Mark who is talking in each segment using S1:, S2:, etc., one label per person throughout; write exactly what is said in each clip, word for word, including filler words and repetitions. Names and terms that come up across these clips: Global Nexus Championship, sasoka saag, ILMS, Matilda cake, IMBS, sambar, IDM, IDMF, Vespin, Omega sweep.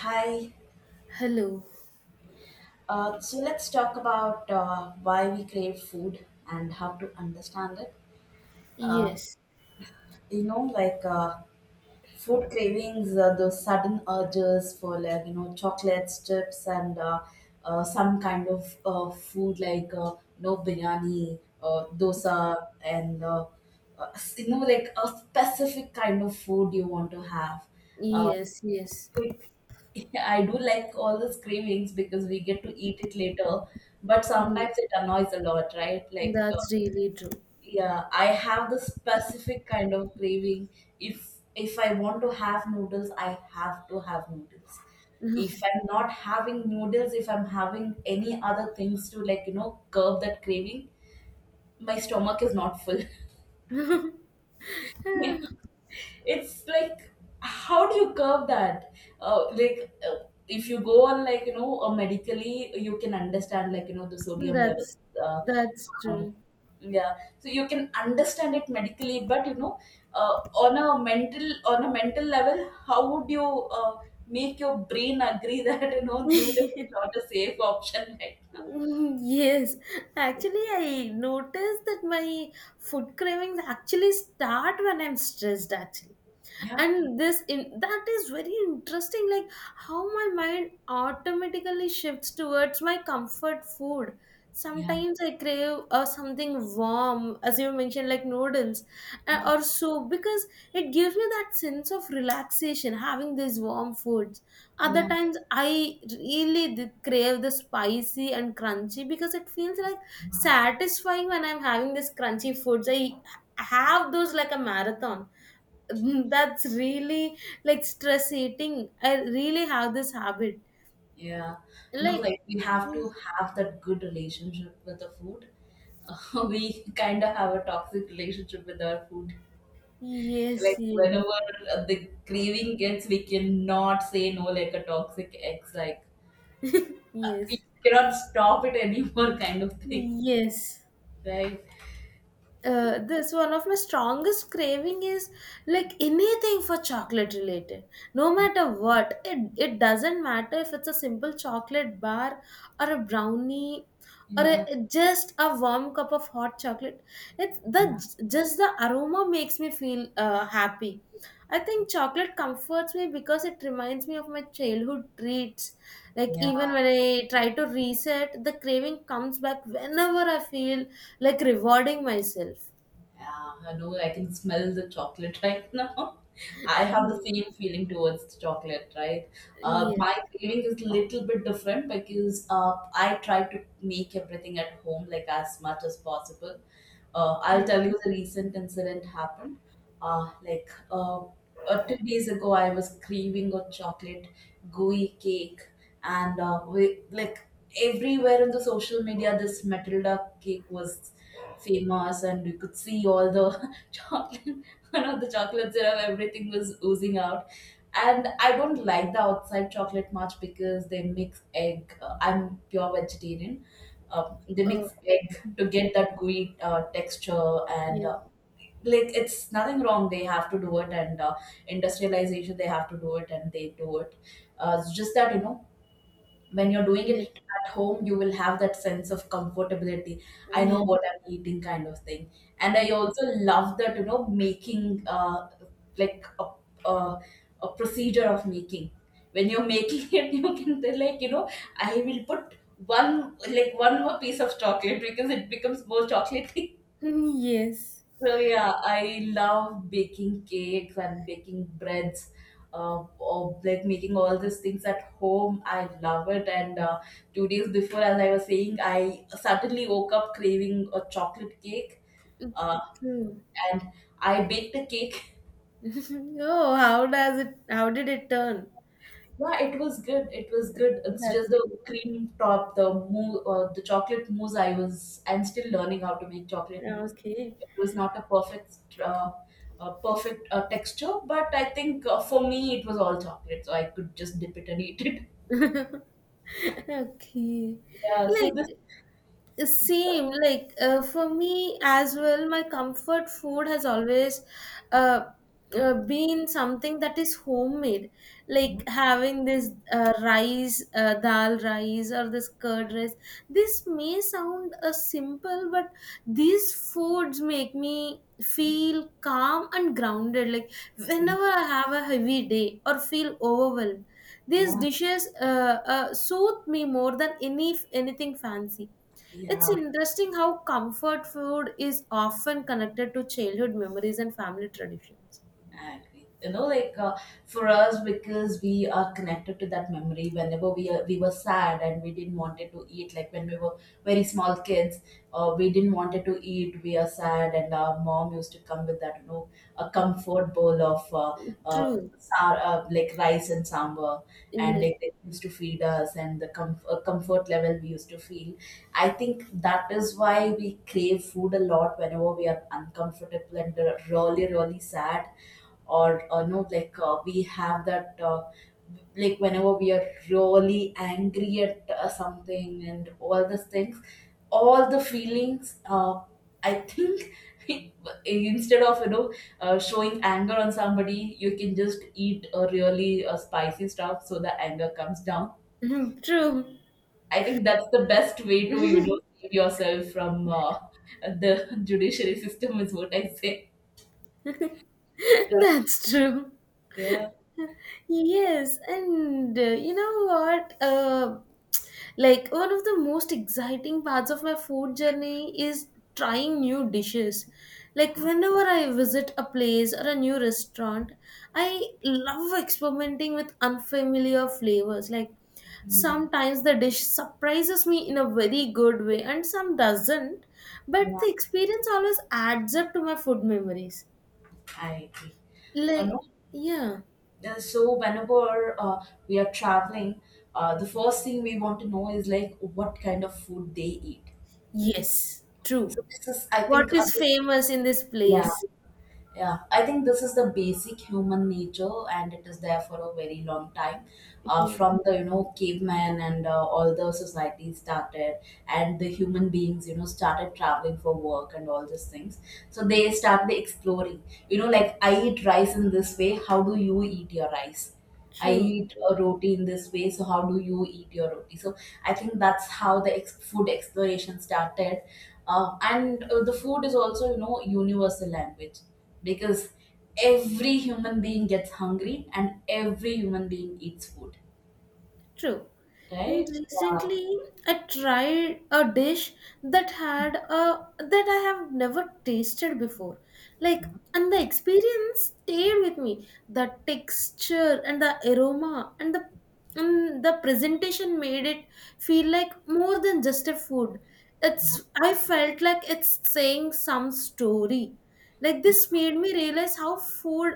S1: Hi.
S2: Hello.
S1: Uh, so let's talk about uh, why we crave food and how to understand it. Uh,
S2: Yes.
S1: you know, like uh, food cravings, uh, those sudden urges for like you know chocolates, chips, and uh, uh, some kind of uh, food like uh, no biryani, uh, dosa, and uh, uh, you know like a specific kind of food you want to have.
S2: Yes. Yes.
S1: Like, I do like all the cravings because we get to eat it later, but
S2: Yes.
S1: sometimes it annoys a lot, right? Like, uh,
S2: That's really true.
S1: yeah, I have the specific kind of craving. If if I want to have noodles, I have to have noodles. If I'm not having noodles, if I'm having any other things to like, you know, curb that craving, my stomach is not full. It's like, how do you curb that? uh, like uh, if you go on like you know uh, medically, you can understand like you know the sodium levels.
S2: That's
S1: uh,
S2: that's
S1: um,
S2: true.
S1: yeah, so you can understand it medically, but you know uh, on a mental on a mental level, how would you uh, make your brain agree that you know noodle is not a safe option right now?
S2: Yes. Actually, I noticed that my food cravings actually start when I'm stressed, actually.
S1: Yeah,
S2: And this in that is very interesting, like how my mind automatically shifts towards my comfort food.
S1: yeah,
S2: Sometimes I crave uh, something warm, as you mentioned, like noodles, uh,
S1: yeah,
S2: or soup, because it gives me that sense of relaxation having these warm foods. Other
S1: yeah.
S2: times I really d- crave the spicy and crunchy, because it feels like satisfying when I'm having this crunchy foods. I have those like a marathon. Mm, that's really like stress eating. I really have this habit.
S1: Yeah. No,
S2: Like,
S1: like we have
S2: mm,
S1: to have that good relationship with the food. We kind of have a toxic relationship with our food.
S2: yes,
S1: Like
S2: yes,
S1: whenever uh, the craving gets, we cannot say no like a toxic ex. Like, uh,
S2: yes,
S1: we cannot stop it anymore, kind of thing,
S2: yes.
S1: right?
S2: Uh, this one of my strongest craving is like anything for chocolate related. No matter what, it it doesn't matter if it's a simple chocolate bar, or a brownie, or
S1: Yeah.
S2: a, just a warm cup of hot chocolate. It's the just the aroma makes me feel uh, happy. I think chocolate comforts me because it reminds me of my childhood treats. Like
S1: Yeah.
S2: even when I try to reset, the craving comes back whenever I feel like rewarding myself.
S1: Yeah, I know. I can smell the chocolate right now. I have the
S2: Mm.
S1: same feeling towards the chocolate, right? Uh, my
S2: Yes.
S1: craving is a little bit different because uh, I try to make everything at home like as much as possible. Uh, I'll
S2: Yes.
S1: tell you the recent incident happened. Uh, like uh, uh, two days ago, I was craving a chocolate gooey cake, and uh, we like, everywhere in the social media, this Matilda cake was famous, and you could see all the chocolate, one of the chocolate syrup, everything was oozing out. And I don't like the outside chocolate much because they mix egg. uh, I'm pure vegetarian. Um, they
S2: Oh.
S1: mix egg to
S2: Mhm.
S1: get that gooey uh, texture, and
S2: Yes.
S1: uh, like, it's nothing wrong, they have to do it, and uh, industrialization, they have to do it, and they do it. Uh, it's just that, you know, when you're doing
S2: Yes.
S1: it at home, you will have that sense of comfortability. I know
S2: Yes.
S1: what I'm eating, kind of thing. And I
S2: Yes.
S1: also love that, you know, making uh, like a, a, a procedure of making, when you're making it, you can tell, like you know, I will put one like one more piece of chocolate because it becomes more chocolate.
S2: Yes.
S1: So yeah, I love baking cakes and baking breads, uh, or like making all these things at home. I love it. And uh, two days before, as I was saying, I suddenly woke up craving a chocolate cake. Uh,
S2: True.
S1: and I baked a cake.
S2: Oh, how does it? How did it turn?
S1: Yeah, it was good. It was good. It's
S2: That's
S1: just the
S2: great.
S1: cream top, the mou uh, the chocolate mousse. I was, I'm still learning how to make chocolate mousse.
S2: Okay.
S1: It was not a perfect, uh, uh, perfect uh, texture, but I think uh, for me it was all chocolate, so I could just dip it and eat it.
S2: Okay.
S1: Yeah. So this.
S2: Like, same, like uh, for me as well, my comfort food has always uh, uh, been something that is homemade,
S1: Yeah.
S2: like having this uh, rice, uh, dal rice, or this curd rice. This may sound uh, simple, but these foods make me feel calm and grounded. Like whenever I have a heavy day or feel overwhelmed, these
S1: Yeah.
S2: dishes uh, uh, soothe me more than any anything fancy. It's
S1: Yeah.
S2: interesting how comfort food is often connected to childhood memories and family traditions.
S1: I agree. You know, like, uh, for us, because we are connected to that memory. Whenever we are, we were sad and we didn't wanted to eat, like when we were very small kids, uh, we didn't wanted to eat. We are sad, and our mom used to come with that, you know, a comfort bowl of uh, uh,
S2: True.
S1: sa- uh like rice and sambar, and
S2: Yes.
S1: like they used to feed us, and the com uh, comfort level we used to feel. I think that is why we crave food a lot whenever we are uncomfortable and uh, really, really sad, or uh, no like uh, we have that uh, like whenever we are really angry at uh, something and all these things, all the feelings. uh, I think instead of you know uh, showing anger on somebody, you can just eat a really uh, spicy stuff so the anger comes down.
S2: True.
S1: I think that's the best way to you know save yourself from uh, the judiciary system, is what I say. Yeah.
S2: That's true.
S1: Yeah.
S2: Yes, and uh, you know what? Uh, like, one of the most exciting parts of my food journey is trying new dishes. Like whenever I visit a place or a new restaurant, I love experimenting with unfamiliar flavors. Like
S1: Mm.
S2: sometimes the dish surprises me in a very good way, and some doesn't. But
S1: Yeah.
S2: the experience always adds up to my food memories.
S1: I agree. You
S2: Like,
S1: know.
S2: yeah.
S1: Uh, so whenever uh, we are traveling, uh, the first thing we want to know is like what kind of food they eat.
S2: Yes, true.
S1: So this is, I
S2: What
S1: think, uh,
S2: is
S1: this,
S2: famous in this
S1: yeah.
S2: place?
S1: Yeah, I think this is the basic human nature, and it is there for a very long time. Uh,
S2: Yeah,
S1: from the you know caveman and uh, all the societies started, and the human beings you know started traveling for work and all these things. So they started exploring. You know, like I eat rice in this way. How do you eat your rice? I
S2: true,
S1: eat
S2: true,
S1: a roti in this way. So how do you eat your roti? So I think that's how the ex- food exploration started. Uh, and uh, the food is also you know universal language, because every human being gets hungry and every human being eats food,
S2: true. And
S1: right? Yeah,
S2: recently, I tried a dish that had a that I have never tasted before. Like, and the experience stayed with me. The texture and the aroma and the and the presentation made it feel like more than just a food. It's, I felt like it's saying some story. Like this made me realize how food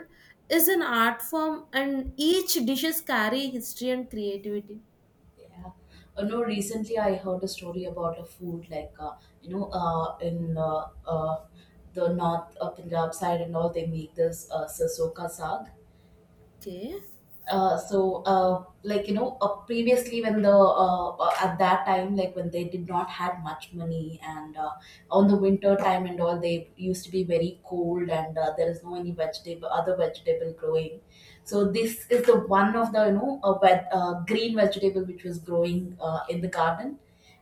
S2: is an art form and each dishes carry history and creativity.
S1: yeah. Uh, no, recently I heard a story about a food like, uh, you know uh, in uh, uh, the north uh, Punjab side and all, they make this uh, sasoka saag.
S2: Okay.
S1: Uh, so uh, like you know uh, previously when the uh, uh, at that time, like when they did not had much money, and uh, on the winter time and all, they used to be very cold, and uh, there is no any vegetable, other vegetable growing. So this is the one of the you know a wet, uh, green vegetable which was growing uh, in the garden.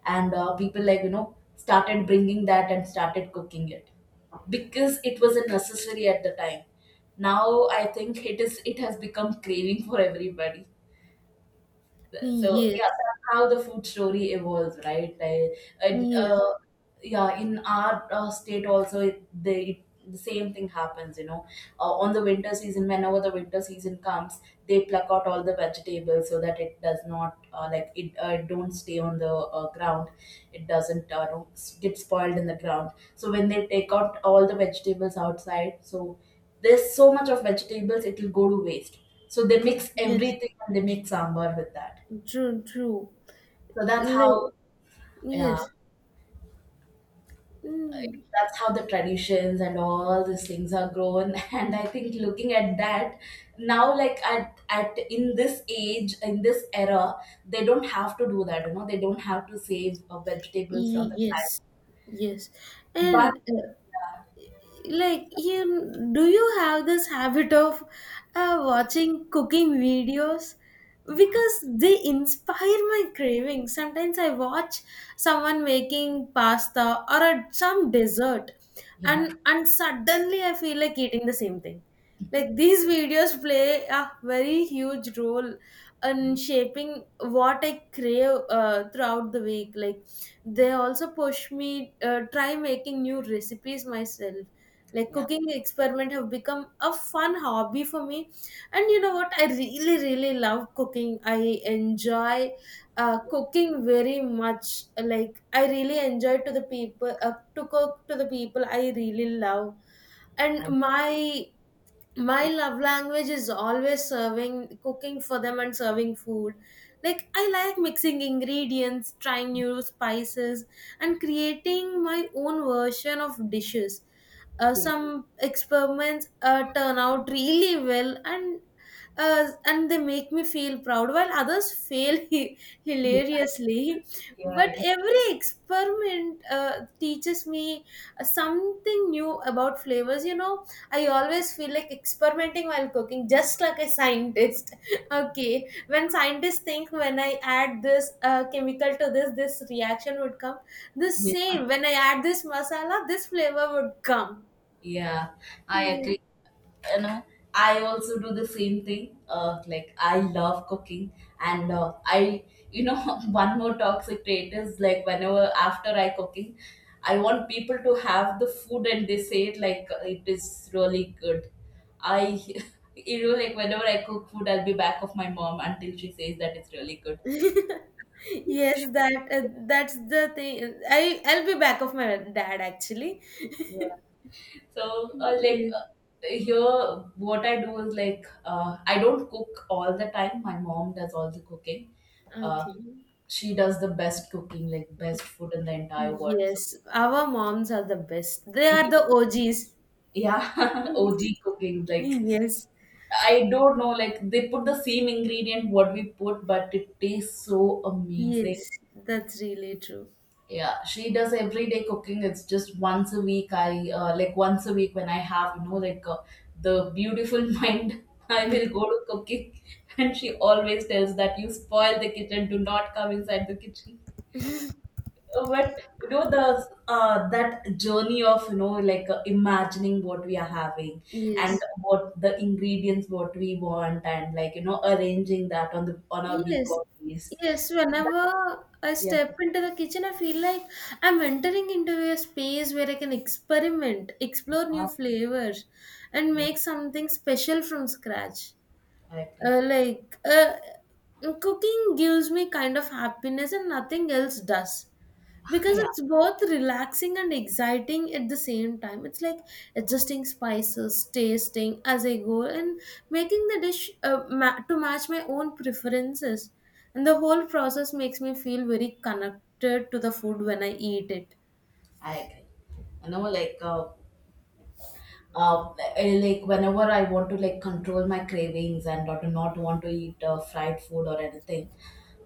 S1: And uh, people like you know started bringing that and started cooking it, because it was a necessary at the time. Now I think it is it has become craving for everybody. So yeah,
S2: Yes.
S1: that's how the food story evolves, right? I, and
S2: Yes.
S1: uh, yeah, in our uh, state also, it, they, it, the same thing happens. You know, uh, on the winter season, whenever the winter season comes, they pluck out all the vegetables so that it does not uh, like it uh, don't stay on the uh, ground. It doesn't uh, don't s- get spoiled in the ground. So when they take out all the vegetables outside, so there's so much of vegetables, it will go to waste. So they mix
S2: Yes.
S1: everything and they make sambar with that.
S2: True, true.
S1: So that's how,
S2: Like,
S1: yeah,
S2: yes. Mm,
S1: that's how the traditions and all these things are grown. And I think looking at that now, like at at in this age, in this era, they don't have to do that. You know, they don't have to save uh, vegetables from
S2: y-
S1: the plant.
S2: yes. Yes.
S1: But
S2: And uh, like, you do you have this habit of uh, watching cooking videos, because they inspire my craving. Sometimes I watch someone making pasta or a, some dessert,
S1: yeah,
S2: and and suddenly I feel like eating the same thing. Like these videos play a very huge role in shaping what I crave uh, throughout the week. Like they also push me uh, try making new recipes myself. Like
S1: yeah,
S2: cooking experiment have become a fun hobby for me. And you know what, I really really love cooking. I enjoy uh, cooking very much. Like I really enjoy to the people uh, to cook to the people I really love. And
S1: I
S2: my my love language is always serving cooking for them and serving food. Like I like mixing ingredients, trying new spices, and creating my own version of dishes. Uh,
S1: see.
S2: some experiments uh, turn out really well, and uh, and they make me feel proud, while others fail hi-
S1: Yeah,
S2: hilariously. But
S1: yeah,
S2: every experiment uh, teaches me something new about flavors, you know. I always feel like experimenting while cooking, just like a scientist. Okay, when scientists think when I add this uh, chemical to this, this reaction would come. The
S1: yeah.
S2: same when I add this masala, this flavor would come.
S1: Yeah, I
S2: Yeah.
S1: agree. You know, I also do the same thing. Uh, like, I love cooking, and uh, I, you know, one more toxic trait is like whenever after I cooking, I want people to have the food and they say it like uh, it is really good. I, you know, like whenever I cook food, I'll be back of my mom until she says that it's really good.
S2: Yes, that uh, that's the thing. I I'll be back of my dad actually.
S1: So, uh, like
S2: Yes.
S1: uh, here, what I do is like, uh, I don't cook all the time. My mom does all the cooking. Uh,
S2: Okay.
S1: she does the best cooking, like best food in the entire world. So,
S2: Yes, our moms are the best. They are the O Gs.
S1: yeah, O G cooking. Like,
S2: Yes.
S1: I don't know, like they put the same ingredient what we put, but it tastes so amazing.
S2: Yes, that's really true.
S1: Yeah, she does everyday cooking. It's just once a week. I uh, Like once a week when I have, you know, like, uh, the beautiful mind, I will go to cooking. And she always tells that you spoil the kitchen, do not come inside the kitchen. Uh, but you know the uh, that journey of you know like uh, imagining what we are having and
S2: Yes,
S1: what the ingredients what we want and like you know arranging that on the on our week
S2: yes,
S1: off days.
S2: yes.
S1: That,
S2: Whenever I
S1: yeah.
S2: step into the kitchen, I feel like I'm entering into a space where I can experiment, explore new
S1: Ah,
S2: flavors, and make something special from scratch.
S1: I agree.
S2: Uh, like, uh, cooking gives me kind of happiness and nothing else does, because
S1: Yeah.
S2: it's both relaxing and exciting at the same time. It's like adjusting spices, tasting as I go, and making the dish uh, ma- to match my own preferences, and the whole process makes me feel very connected to the food when I eat it.
S1: I agree. You know, like, uh, uh, eh, like whenever I want to like control my cravings, and or to not want to eat uh, fried food or anything,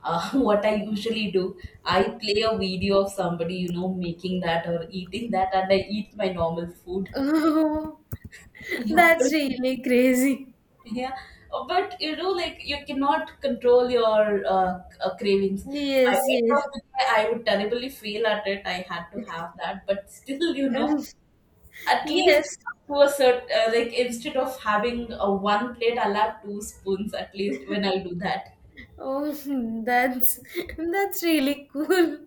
S1: uh, what I usually do, I play a video of somebody you know making that or eating that, and I eat my normal food. Yeah.
S2: That's
S1: But,
S2: really crazy.
S1: yeah, Uh, but you know, like you cannot control your uh, c- uh, cravings. By
S2: Yes,
S1: end
S2: yes.
S1: of the day, I would terribly fail at it. I had to have that, but still, you know, at
S2: Yes.
S1: least to a certain uh, like, instead of having a one plate, I'll have two spoons at least when I do that.
S2: Oh, that's that's really cool.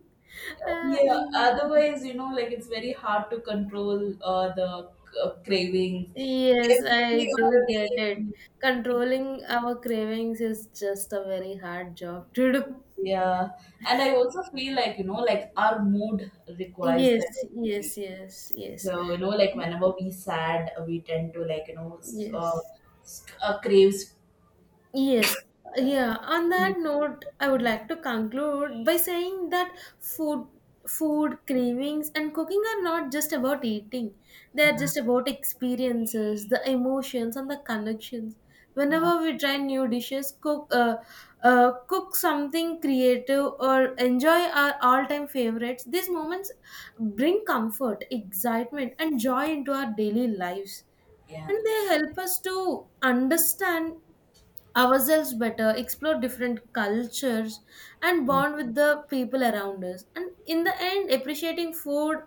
S2: Uh,
S1: Yeah,
S2: y-
S1: otherwise you know like it's very hard to control uh, the uh, cravings
S2: yes,
S1: every
S2: I do
S1: other
S2: get it.
S1: day.
S2: Controlling our cravings is just a very hard job to do.
S1: Yeah. And I also feel like you know like our mood requires that
S2: Yes,
S1: every week.
S2: yes, yes, yes,
S1: So you know like whenever we sad, we tend to like you know s- uh,
S2: yes.
S1: s- uh, craves.
S2: Yes,
S1: Sorry,
S2: yeah. On that
S1: sweets.
S2: note, I would like to conclude by saying that food, food cravings, and cooking are not just about eating. They are
S1: Yeah.
S2: just about experiences, the emotions, and the connections. Whenever we try new dishes, cook, uh, uh, cook something creative, or enjoy our all-time favorites, these moments bring comfort, excitement, and joy into our daily lives,
S1: Yeah,
S2: and they help us to understand ourselves better, explore different cultures, and bond with the people around us. And in the end, appreciating food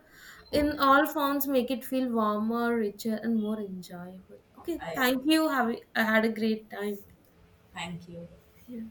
S2: in all forms make it feel warmer, richer, and more enjoyable. Okay,
S1: I
S2: thank you. Have I had a great time.
S1: thank you.
S2: Yeah.